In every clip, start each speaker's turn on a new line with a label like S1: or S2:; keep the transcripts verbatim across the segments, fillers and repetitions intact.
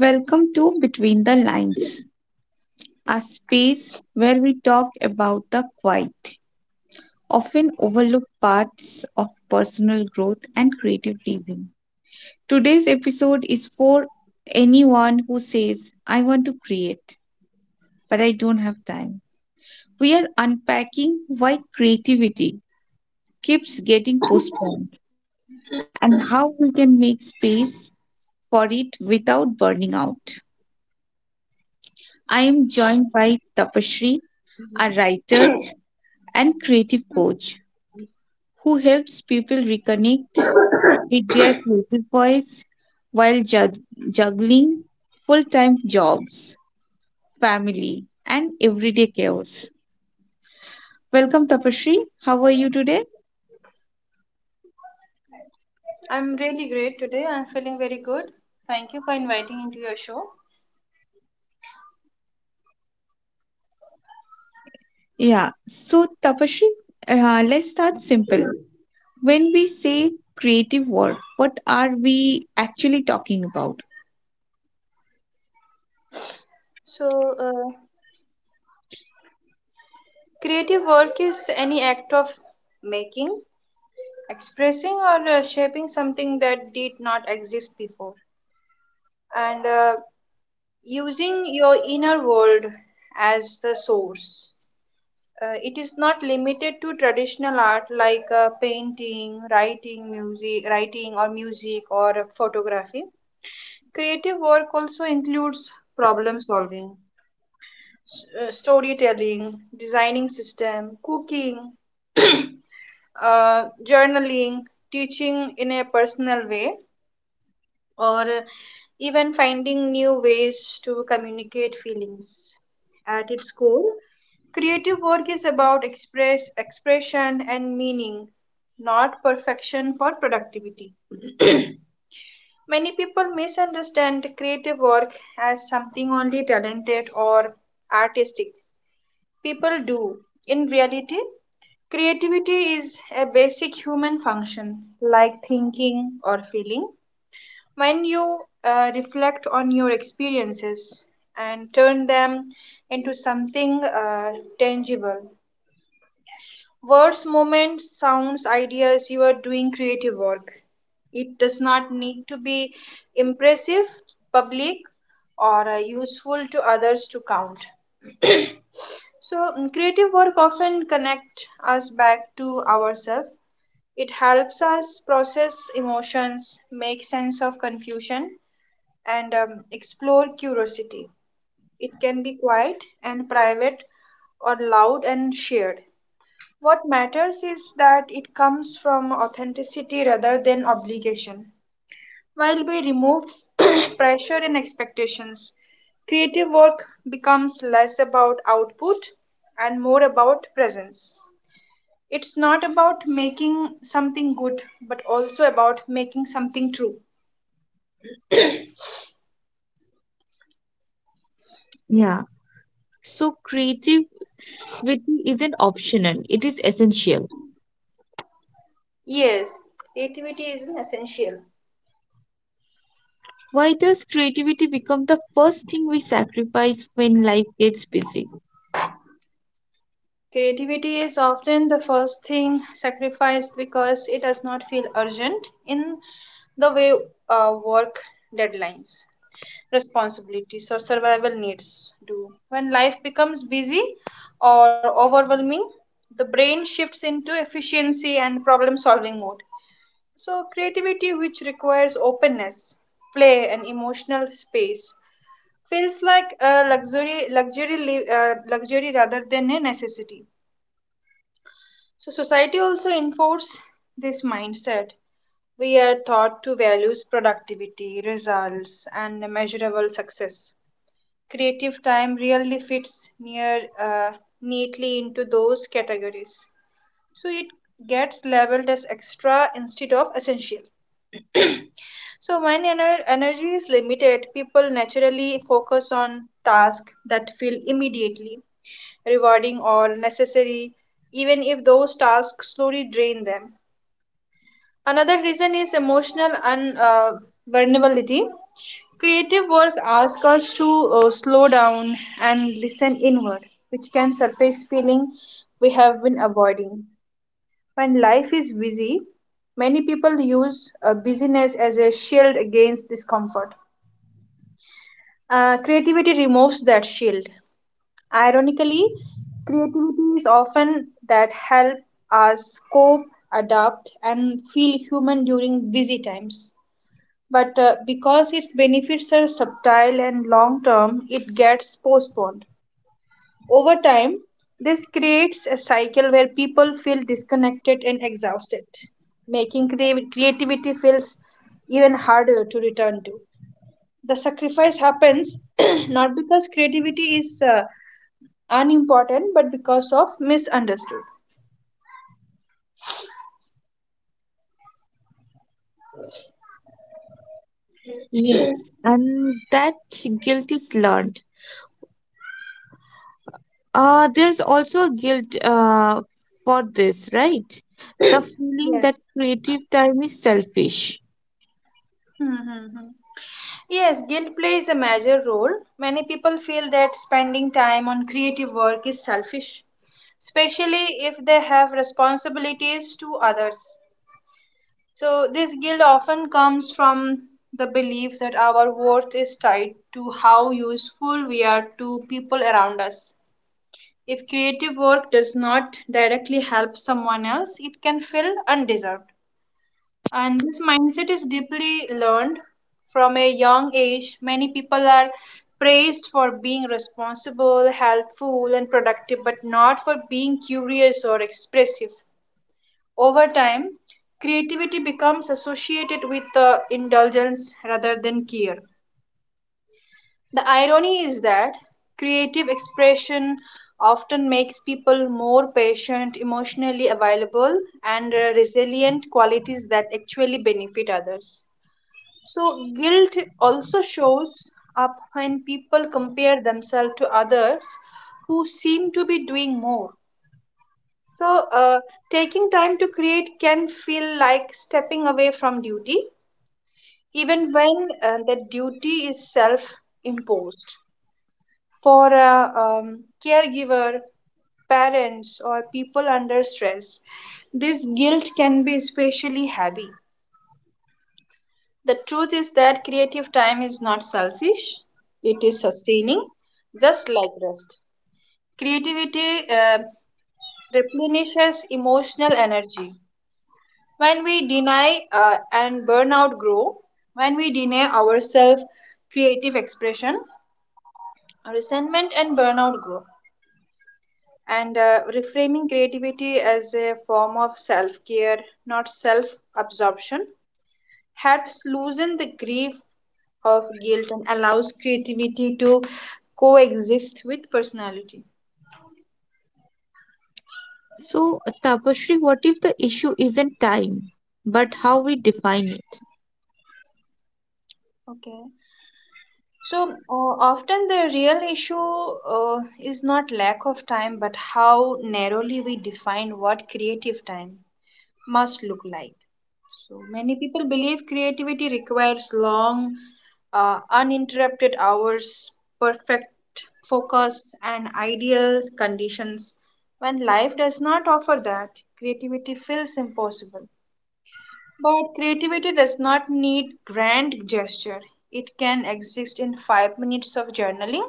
S1: Welcome to Between the Lines, a space where we talk about the quiet, often overlooked parts of personal growth and creative living. Today's episode is for anyone who says, I want to create, but I don't have time. We are unpacking why creativity keeps getting postponed and how we can make space for it without burning out. I am joined by Tapashri, a writer and creative coach who helps people reconnect with their creative voice while jug- juggling full time jobs, family, and everyday chaos. Welcome, Tapashri. How are you today?
S2: I'm really great today. I'm feeling very good. Thank you for inviting into your show.
S1: Yeah, so Tapashri, uh, let's start simple. When we say creative work, what are we actually talking about?
S2: So, uh, Creative work is any act of making, expressing, or uh, shaping something that did not exist before, and uh, using your inner world as the source. Uh, it is not limited to traditional art like uh, painting, writing, music, writing or music or photography. Creative work also includes problem solving, uh, storytelling, designing system, cooking, uh, journaling, teaching in a personal way, or even finding new ways to communicate feelings. At its core, creative work is about express expression and meaning, not perfection for productivity. Many people misunderstand creative work as something only talented or artistic. People do. In reality, creativity is a basic human function, like thinking or feeling. When you uh, reflect on your experiences and turn them into something uh, tangible, words, moments, sounds, ideas, you are doing creative work. It does not need to be impressive, public, or uh, useful to others to count. So, mm, creative work often connect us back to ourselves. It helps us process emotions, make sense of confusion, and um, explore curiosity. It can be quiet and private or loud and shared. What matters is that it comes from authenticity rather than obligation. While we remove pressure and expectations, creative work becomes less about output and more about presence. It's not about making something good, but also about making something true.
S1: Yeah. So creativity isn't optional, it is essential.
S2: Yes, creativity is an essential.
S1: Why does creativity become the first thing we sacrifice when life gets busy?
S2: Creativity is often the first thing sacrificed because it does not feel urgent in the way uh, work, deadlines, responsibilities, or survival needs do. When life becomes busy or overwhelming, the brain shifts into efficiency and problem solving mode. So, creativity, which requires openness, play, and emotional space, feels like a luxury, luxury, li- uh, luxury rather than a necessity. So, society also enforces this mindset. We are taught to value productivity, results, and measurable success. Creative time really fits near uh, neatly into those categories. So, it gets labeled as extra instead of essential. So when ener- energy is limited, people naturally focus on tasks that feel immediately rewarding or necessary, even if those tasks slowly drain them. Another reason is emotional un- uh, vulnerability. Creative work asks us to uh, slow down and listen inward, which can surface feeling we have been avoiding. When life is busy, many people use uh, busyness as a shield against discomfort. Uh, creativity removes that shield. Ironically, creativity is often that help us cope, adapt, and feel human during busy times. But uh, because its benefits are subtle and long term, it gets postponed. Over time, this creates a cycle where people feel disconnected and exhausted, making crea- creativity feels even harder to return to. The sacrifice happens not because creativity is uh, unimportant, but because of misunderstood.
S1: Yes, and that guilt is learned. Uh, there's also a guilt uh, for this, right? The feeling that
S2: Yes.
S1: creative time is selfish.
S2: Mm-hmm. Yes, guilt plays a major role. Many people feel that spending time on creative work is selfish, especially if they have responsibilities to others. So, this guilt often comes from the belief that our worth is tied to how useful we are to people around us. If creative work does not directly help someone else, it can feel undeserved. And this mindset is deeply learned from a young age. Many people are praised for being responsible, helpful, and productive, but not for being curious or expressive. Over time, creativity becomes associated with uh, indulgence rather than care. The irony is that creative expression often makes people more patient, emotionally available, and uh, resilient qualities that actually benefit others. So, guilt also shows up when people compare themselves to others who seem to be doing more. So, uh, taking time to create can feel like stepping away from duty, even when uh, that duty is self imposed. For a um, caregiver, parents, or people under stress. This guilt can be especially heavy. The truth is that creative time is not selfish, it is sustaining, just like rest. Creativity uh, replenishes emotional energy. When we deny uh, and burnout grow, when we deny ourselves creative expression, resentment and burnout grow. And uh, reframing creativity as a form of self care, not self absorption, helps loosen the grief of guilt and allows creativity to coexist with personality.
S1: So, Tapashri, what if the issue isn't time, but how we define it?
S2: Okay. So uh, often the real issue uh, is not lack of time, but how narrowly we define what creative time must look like. So many people believe creativity requires long, uh, uninterrupted hours, perfect focus, and ideal conditions. When life does not offer that, creativity feels impossible. But creativity does not need grand gesture. It can exist in five minutes of journaling,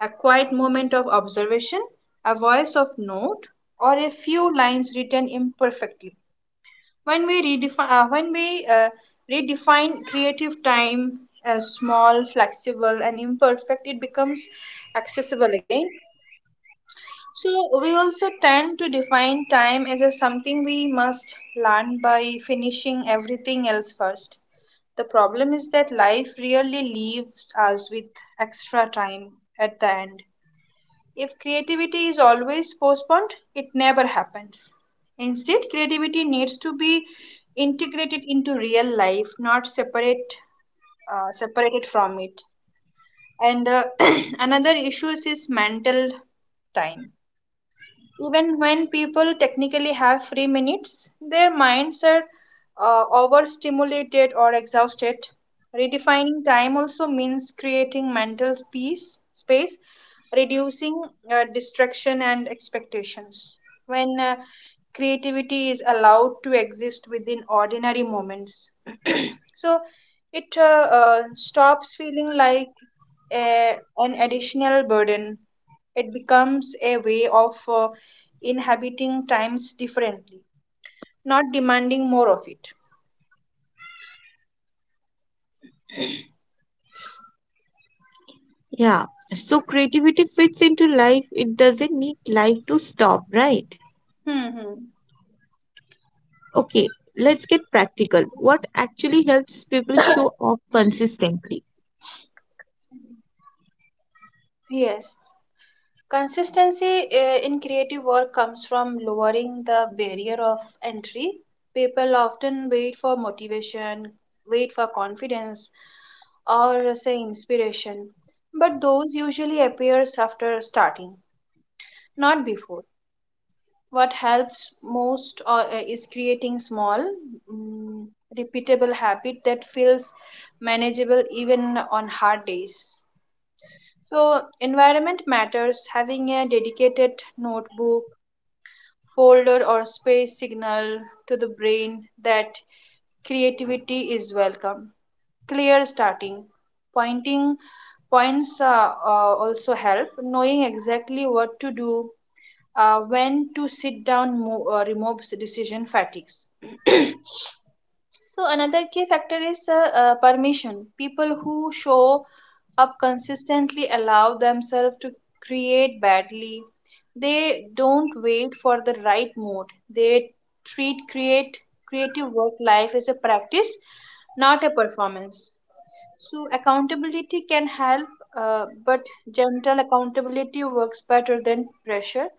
S2: a quiet moment of observation, a voice of note, or a few lines written imperfectly. When we redefine uh, when we uh, redefine creative time as small, flexible, and imperfect, it becomes accessible again. So we also tend to define time as a something we must learn by finishing everything else first. The problem is that life really leaves us with extra time at the end. If creativity is always postponed, it never happens. Instead, creativity needs to be integrated into real life, not separate uh, separated from it. And uh, another issue is mental time. Even when people technically have free minutes, their minds are uh, overstimulated or exhausted. Redefining time also means creating mental peace, space, reducing uh, distraction and expectations. When uh, creativity is allowed to exist within ordinary moments, so it uh, uh, stops feeling like a, an additional burden. It becomes a way of uh, inhabiting times differently, not demanding more of it.
S1: Yeah, so creativity fits into life, it doesn't need life to stop, right?
S2: Hmm.
S1: Okay, let's get practical. What actually helps people show up consistently?
S2: Yes. Consistency uh, in creative work comes from lowering the barrier of entry. People often wait for motivation, wait for confidence, or uh, say inspiration, but those usually appears after starting, not before. What helps most uh, uh, is creating small, mm, repeatable habit that feels manageable even on hard days. So environment matters. Having a dedicated notebook, folder, or space signal to the brain that creativity is welcome. Clear starting pointing points uh, uh, also help, knowing exactly what to do uh, when to sit down. Mo- uh, removes decision fatigues. So another key factor is uh, uh, permission. People who show up consistently allow themselves to create badly. They don't wait for the right mood. They treat create creative work life as a practice, not a performance. So accountability can help, uh, but gentle accountability works better than pressure.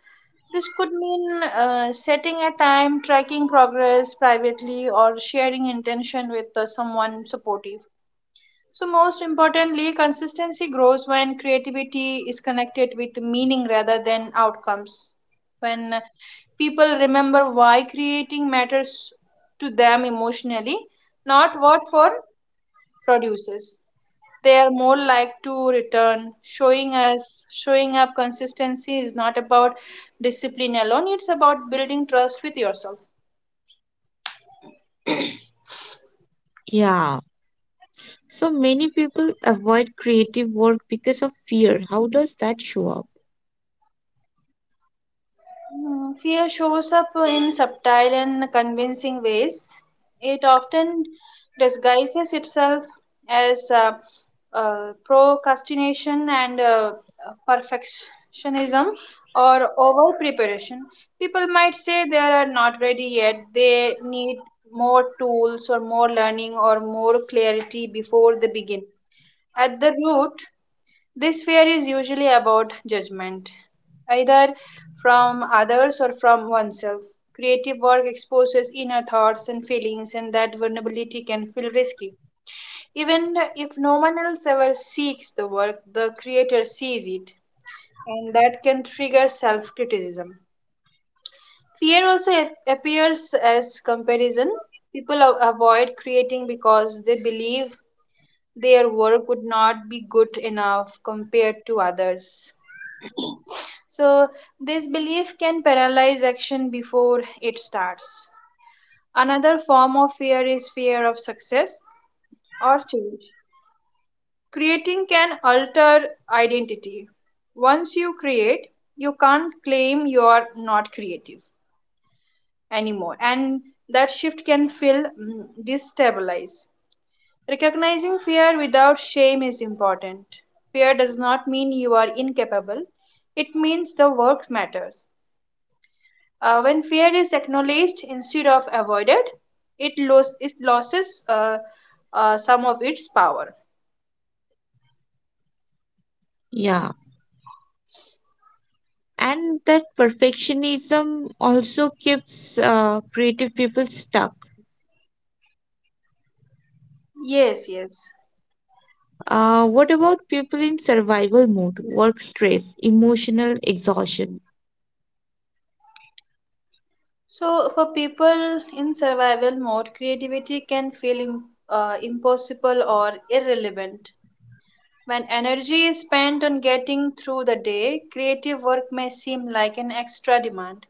S2: This could mean uh, setting a time, tracking progress privately, or sharing intention with uh, someone supportive. So, most importantly, consistency grows when creativity is connected with meaning rather than outcomes. When uh, people remember why creating matters to them emotionally, not what for produces, they are more like to return. Showing us, showing up consistency is not about discipline alone, it's about building trust with yourself.
S1: Yeah. So many people avoid creative work because of fear. How does that show up?
S2: Mm, Fear shows up in subtle and convincing ways. It often disguises itself as uh, uh, procrastination and uh, perfectionism or over preparation. People might say they are not ready yet, they need more tools or more learning or more clarity before they begin. At the root, this fear is usually about judgment, either from others or from oneself. Creative work exposes inner thoughts and feelings, and that vulnerability can feel risky. Even if no one else ever seeks the work, the creator sees it, and that can trigger self criticism. Fear also ap- appears as comparison. People a- avoid creating because they believe their work would not be good enough compared to others. So, this belief can paralyze action before it starts. Another form of fear is fear of success or change. Creating can alter identity. Once you create, you can't claim you are not creative anymore, and that shift can feel mm, destabilized. Recognizing fear without shame is important. Fear does not mean you are incapable, it means the work matters. Uh, when fear is acknowledged instead of avoided, it, los- it loses uh, uh, some of its power.
S1: Yeah. And that perfectionism also keeps uh, creative people stuck.
S2: Yes, yes.
S1: Uh, what about people in survival mode, work stress, emotional exhaustion?
S2: So, for people in survival mode, creativity can feel im- uh, impossible or irrelevant. When energy is spent on getting through the day, creative work may seem like an extra demand.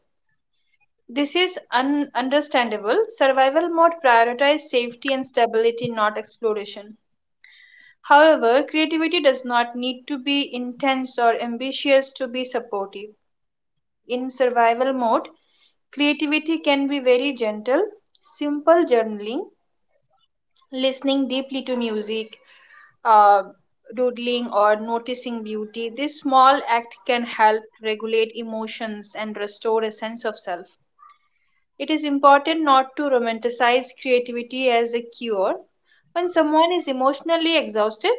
S2: This is un- understandable. Survival mode prioritizes safety and stability, not exploration. However, creativity does not need to be intense or ambitious to be supportive. In survival mode, creativity can be very gentle, simple journaling, listening deeply to music, uh, doodling, or noticing beauty. This small act can help regulate emotions and restore a sense of self. It is important not to romanticize creativity as a cure. When someone is emotionally exhausted,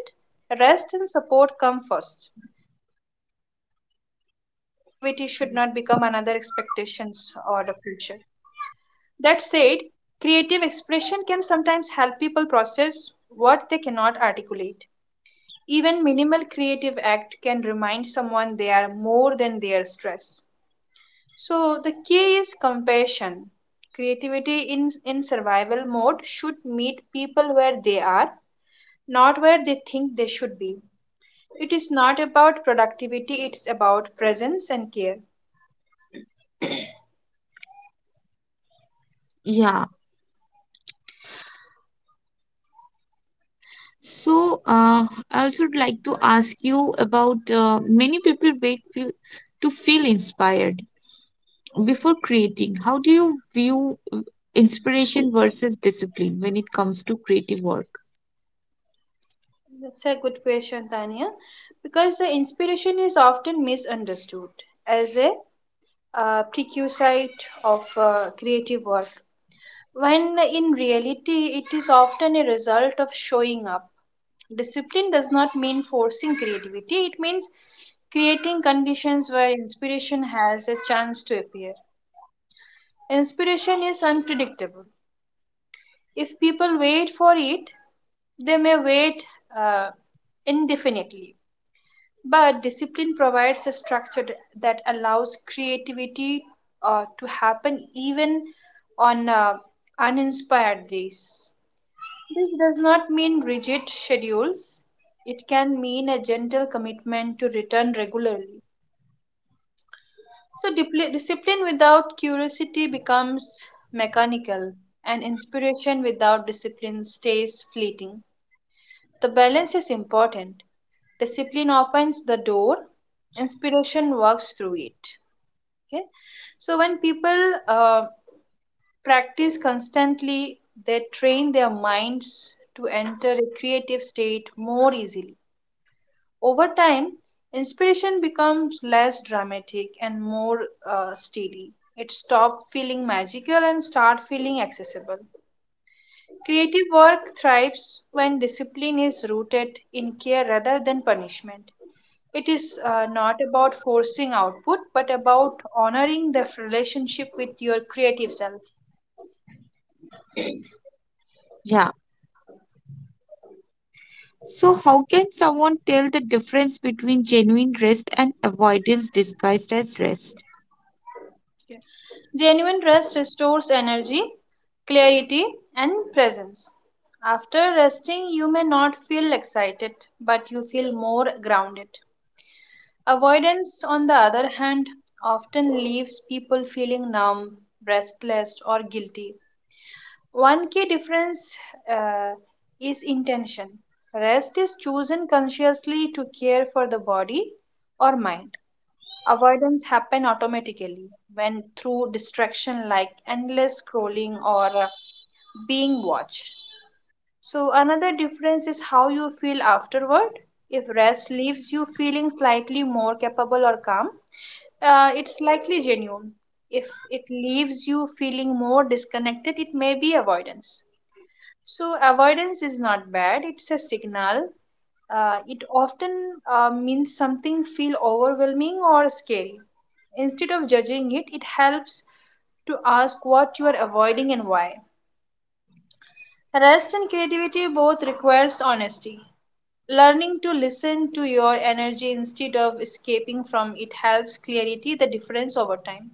S2: rest and support come first. Creativity should not become another expectations or the future. That said, creative expression can sometimes help people process what they cannot articulate. Even minimal creative act can remind someone they are more than their stress. So the key is compassion. Creativity in, in survival mode should meet people where they are, not where they think they should be. It is not about productivity, it's about presence and care.
S1: Yeah. So, uh, I also would like to ask you about uh, many people wait feel, to feel inspired before creating. How do you view uh, inspiration versus discipline when it comes to creative work?
S2: That's a good question, Tanya, because the inspiration is often misunderstood as a uh, prerequisite of uh, creative work, when in reality it is often a result of showing up. Discipline does not mean forcing creativity, it means creating conditions where inspiration has a chance to appear. Inspiration is unpredictable. If people wait for it, they may wait uh, indefinitely. But discipline provides a structure that allows creativity uh, to happen even on uh, uninspired days. This does not mean rigid schedules, it can mean a gentle commitment to return regularly. So, dipli- discipline without curiosity becomes mechanical, and inspiration without discipline stays fleeting. The balance is important. Discipline opens the door, inspiration works through it. Okay. So when people uh, practice constantly, they train their minds to enter a creative state more easily. Over time, inspiration becomes less dramatic and more uh, steady. It stops feeling magical and start feeling accessible. Creative work thrives when discipline is rooted in care rather than punishment. It is uh, not about forcing output, but about honoring the relationship with your creative self.
S1: Yeah. So, how can someone tell the difference between genuine rest and avoidance disguised as rest?
S2: Yeah. Genuine rest restores energy, clarity, and presence. After resting, you may not feel excited, but you feel more grounded. Avoidance, on the other hand, often leaves people feeling numb, restless, or guilty. One key difference uh, is intention. Rest is chosen consciously to care for the body or mind. Avoidance happen automatically when through distraction like endless scrolling or uh, being watched. So another difference is how you feel afterward. If rest leaves you feeling slightly more capable or calm, uh, it's likely genuine. If it leaves you feeling more disconnected, it may be avoidance. So, avoidance is not bad. It's a signal. Uh, it often uh, means something feel overwhelming or scary. Instead of judging it, it helps to ask what you are avoiding and why. Rest and creativity both requires honesty. Learning to listen to your energy instead of escaping from it helps clarity the difference over time.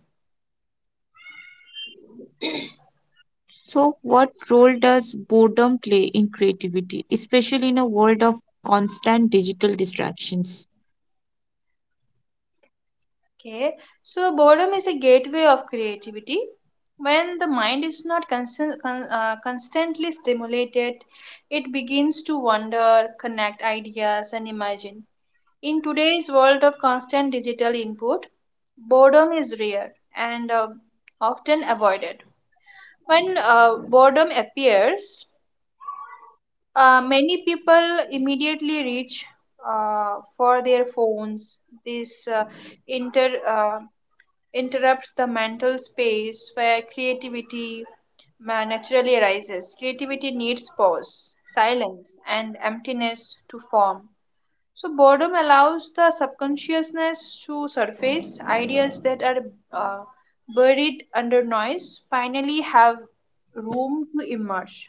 S1: So, what role does boredom play in creativity, especially in a world of constant digital distractions?
S2: Okay, so boredom is a gateway of creativity. When the mind is not constant, con, uh, constantly stimulated, it begins to wonder, connect ideas, and imagine. In today's world of constant digital input, boredom is rare and uh, often avoided. When uh, boredom appears, uh, many people immediately reach uh, for their phones. This uh, inter uh, interrupts the mental space where creativity ma- naturally arises. Creativity needs pause, silence, and emptiness to form. So, boredom allows the subconsciousness to surface. Ideas that are uh, buried under noise finally have room to emerge.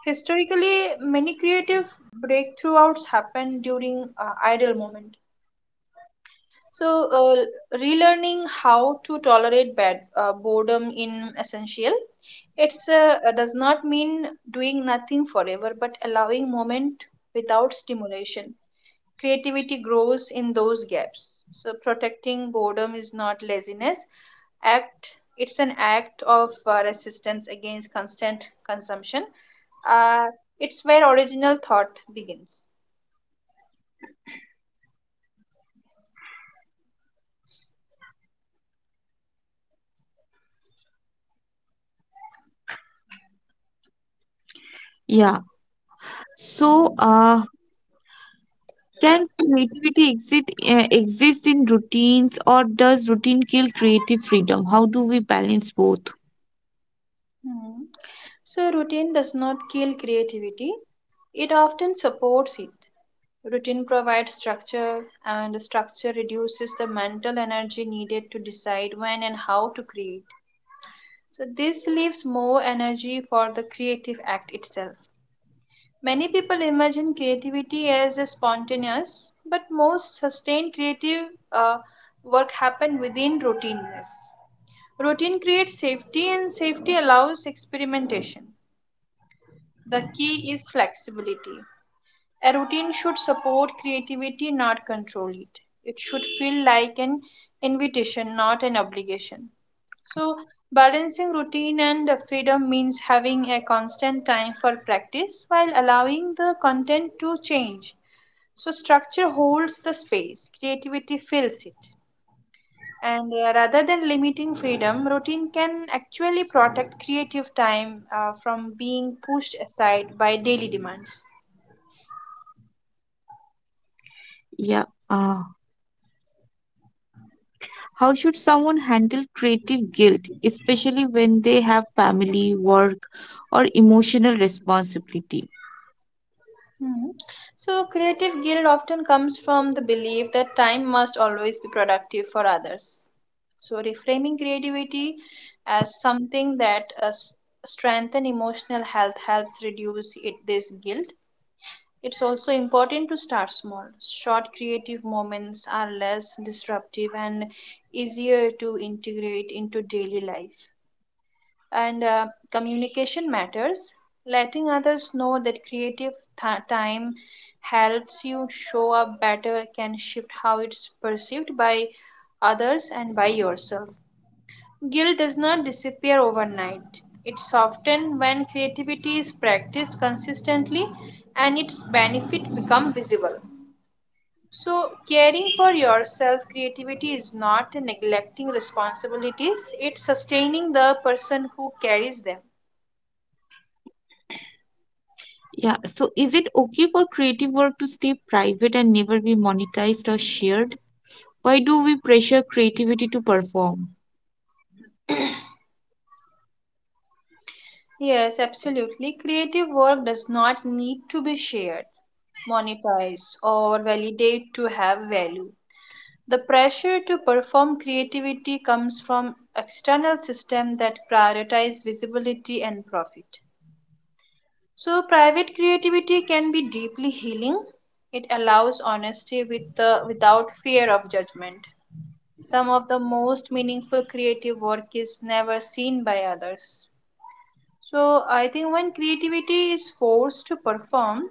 S2: Historically, many creative breakthroughs happened during uh, idle moments. So, uh, relearning how to tolerate bad uh, boredom in essential. It's uh, uh, does not mean doing nothing forever, but allowing moment without stimulation. Creativity grows in those gaps. So, protecting boredom is not laziness. Act. It's an act of uh, resistance against constant consumption. Uh, it's where original thought begins.
S1: Yeah. So, uh, can creativity exist, uh, exist in routines, or does routine kill creative freedom? How do we balance both?
S2: Hmm. So, routine does not kill creativity, it often supports it. Routine provides structure, and structure reduces the mental energy needed to decide when and how to create. So, this leaves more energy for the creative act itself. Many people imagine creativity as a spontaneous, but most sustained creative uh, work happen within routineness. Routine creates safety, and safety allows experimentation. The key is flexibility. A routine should support creativity, not control it. It should feel like an invitation, not an obligation. So, balancing routine and freedom means having a constant time for practice while allowing the content to change. So, structure holds the space, creativity fills it. And uh, rather than limiting freedom, routine can actually protect creative time uh, from being pushed aside by daily demands.
S1: Yeah. Uh, how should someone handle creative guilt, especially when they have family, work, or emotional responsibility?
S2: Hmm. So, creative guilt often comes from the belief that time must always be productive for others. So, reframing creativity as something that uh, s- strengthen emotional health helps reduce it, this guilt. It's also important to start small. Short creative moments are less disruptive and easier to integrate into daily life and uh, communication matters. Letting others know that creative th- time helps you show up better can shift how it's perceived by others and by yourself. Guilt does not disappear overnight. It's softened when creativity is practiced consistently and its benefit become visible. So, caring for yourself, creativity is not neglecting responsibilities, it's sustaining the person who carries them.
S1: Yeah. So, is it okay for creative work to stay private and never be monetized or shared? Why do we pressure creativity to perform?
S2: Yes, absolutely. Creative work does not need to be shared, monetized, or validated to have value. The pressure to perform creativity comes from external systems that prioritize visibility and profit. So private creativity can be deeply healing. It allows honesty with the, without fear of judgment. Some of the most meaningful creative work is never seen by others. So I think when creativity is forced to perform,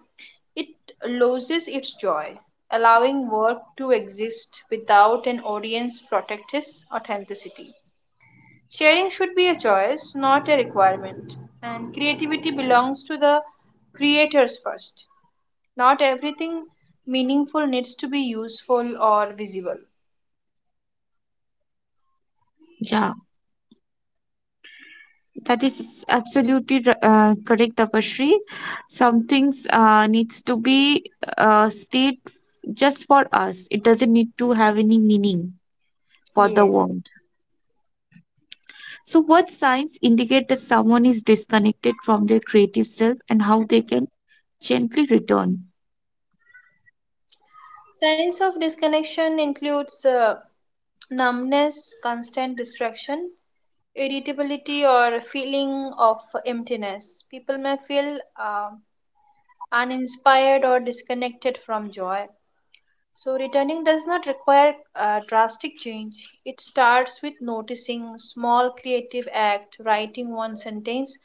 S2: it loses its joy, allowing work to exist without an audience protect its authenticity. Sharing should be a choice, not a requirement, and creativity belongs to the creators first. Not everything meaningful needs to be useful or visible.
S1: Yeah. That is absolutely uh, correct, Tapashri. Some things uh, needs to be uh, stayed just for us. It doesn't need to have any meaning for the
S2: Yes,
S1: world.
S2: yes.
S1: So, what signs indicate that someone is disconnected from their creative self, and how they can gently return?
S2: Signs of disconnection includes uh, numbness, constant distraction, irritability or a feeling of emptiness. People may feel um uninspired or disconnected from joy. So, returning does not require uh, drastic change. It starts with noticing small creative act, writing one sentence,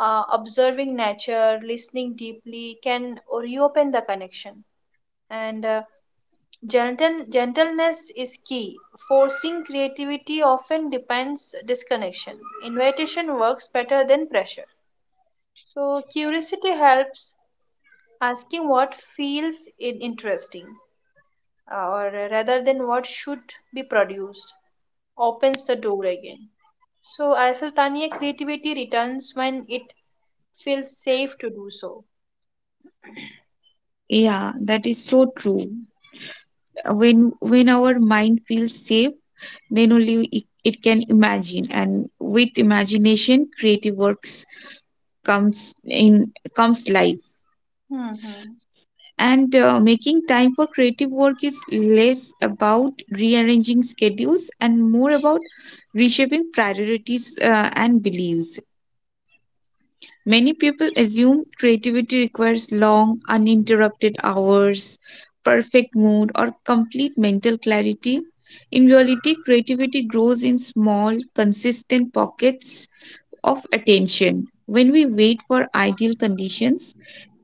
S2: uh, observing nature, listening deeply can reopen the connection. And uh, Gentle, gentleness is key. Forcing creativity often depends disconnection. Invitation works better than pressure. So curiosity helps asking what feels in- interesting, uh, or rather than what should be produced, opens the door again. So I feel Tanya creativity returns when it feels safe to do so.
S1: Yeah, that is so true. When when our mind feels safe, then only it, it can imagine, and with imagination, creative works comes in comes life.
S2: Mhm.
S1: And uh, making time for creative work is less about rearranging schedules and more about reshaping priorities uh, and beliefs. Many people assume creativity requires long, uninterrupted hours, perfect mood, or complete mental clarity. In reality, creativity grows in small, consistent pockets of attention. When we wait for ideal conditions,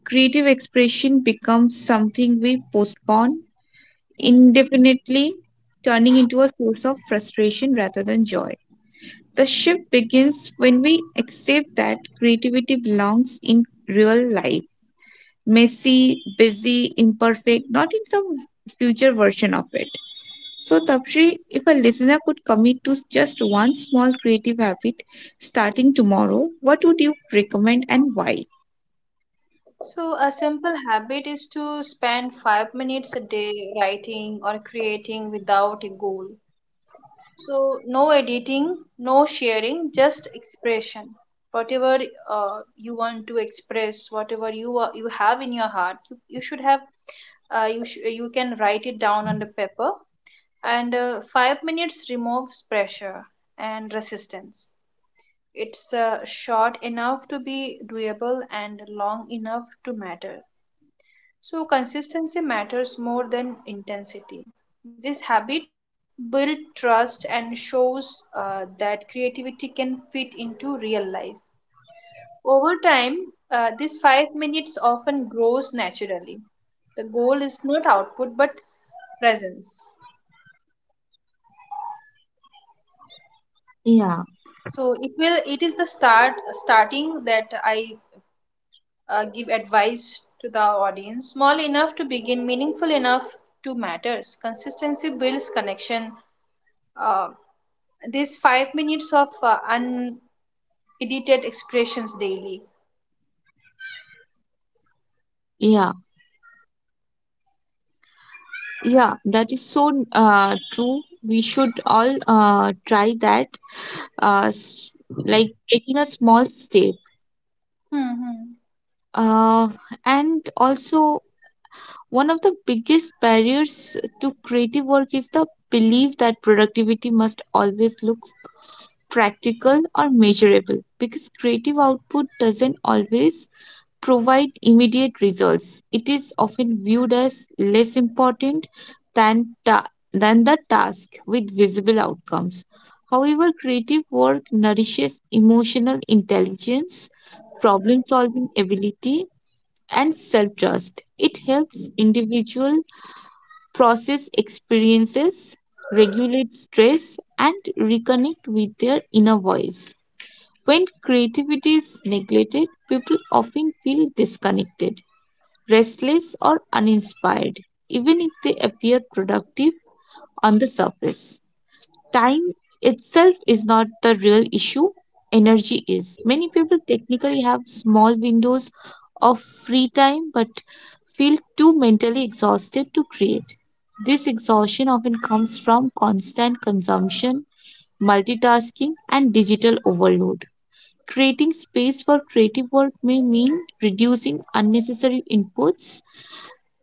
S1: creative expression becomes something we postpone indefinitely, turning into a source of frustration rather than joy. The shift begins when we accept that creativity belongs in real life, messy, busy, imperfect, not in some future version of it. So, Tapshri, if a listener could commit to just one small creative habit starting tomorrow, what would you recommend and why?
S2: So, a simple habit is to spend five minutes a day writing or creating without a goal. So, no editing, no sharing, just expression. Whatever uh, you want to express, whatever you are, you have in your heart, you, you should have, uh, you sh- you can write it down on the paper. And uh, five minutes removes pressure and resistance. It's uh, short enough to be doable and long enough to matter. So, consistency matters more than intensity. This habit builds trust and shows uh, that creativity can fit into real life. Over time, uh, this five minutes often grows naturally. The goal is not output but presence.
S1: Yeah,
S2: So it will. It is the start starting that I uh, give advice to the audience. Small enough to begin, meaningful enough to matters. Consistency builds connection uh, these five minutes of uh, unedited expressions daily.
S1: yeah, yeah. That is so uh, true. We should all uh, try that. uh, s- like taking a small step.
S2: Mm-hmm.
S1: Uh, and also, one of the biggest barriers to creative work is the belief that productivity must always look practical or measurable, because creative output doesn't always provide immediate results. It is often viewed as less important than, ta- than the task with visible outcomes. However, creative work nourishes emotional intelligence, problem solving ability, and self trust. It helps individuals process experiences, regulate stress, and reconnect with their inner voice. When creativity is neglected, people often feel disconnected, restless, or uninspired, even if they appear productive on the surface. Time itself is not the real issue, energy is. Many people technically have small windows of free time but feel too mentally exhausted to create. This exhaustion often comes from constant consumption, multitasking, and digital overload. Creating space for creative work may mean reducing unnecessary inputs,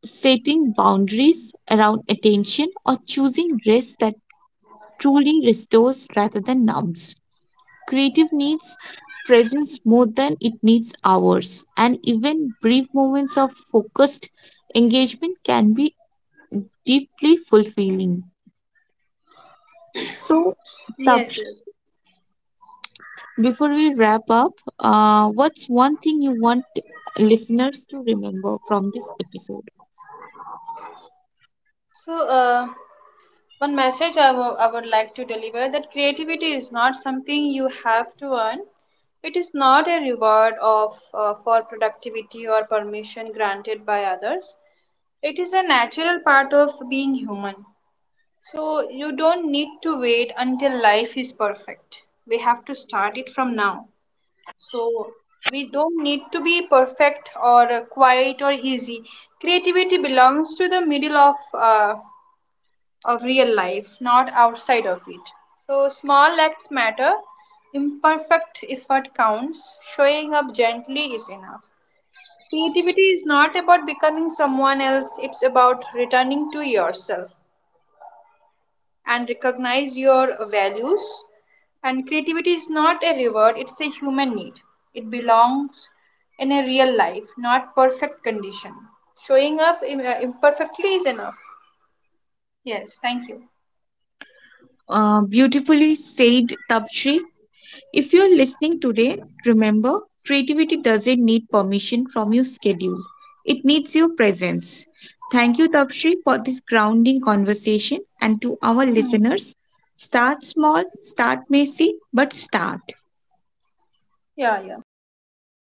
S1: setting boundaries around attention, or choosing rest that truly restores rather than numbs. Creative needs presence more than it needs hours, and even brief moments of focused engagement can be deeply fulfilling. So,
S2: Yes,
S1: Tapsh,
S2: yes.
S1: before we wrap up, uh, what's one thing you want listeners to remember from this episode?
S2: So, uh, one message I wo- I would like to deliver that creativity is not something you have to earn. It is not a reward of uh, for productivity or permission granted by others. It is a natural part of being human. So you don't need to wait until life is perfect. We have to start it from now. So we don't need to be perfect or uh, quiet or easy. Creativity belongs to the middle of uh, of real life, not outside of it. So small acts matter. Imperfect effort counts. Showing up gently is enough. Creativity is not about becoming someone else, it's about returning to yourself and recognize your values. And creativity is not a reward, it's a human need. It belongs in a real life, not perfect condition. Showing up im- uh, imperfectly is enough. Yes, thank you.
S1: Uh, beautifully said, Tapshri. If you're listening today, remember creativity doesn't need permission from your schedule, it needs your presence. Thank you, Tapshri, for this grounding conversation. And to our
S2: Hmm.
S1: listeners, start small, start messy, but start.
S2: Yeah, yeah. Thank you.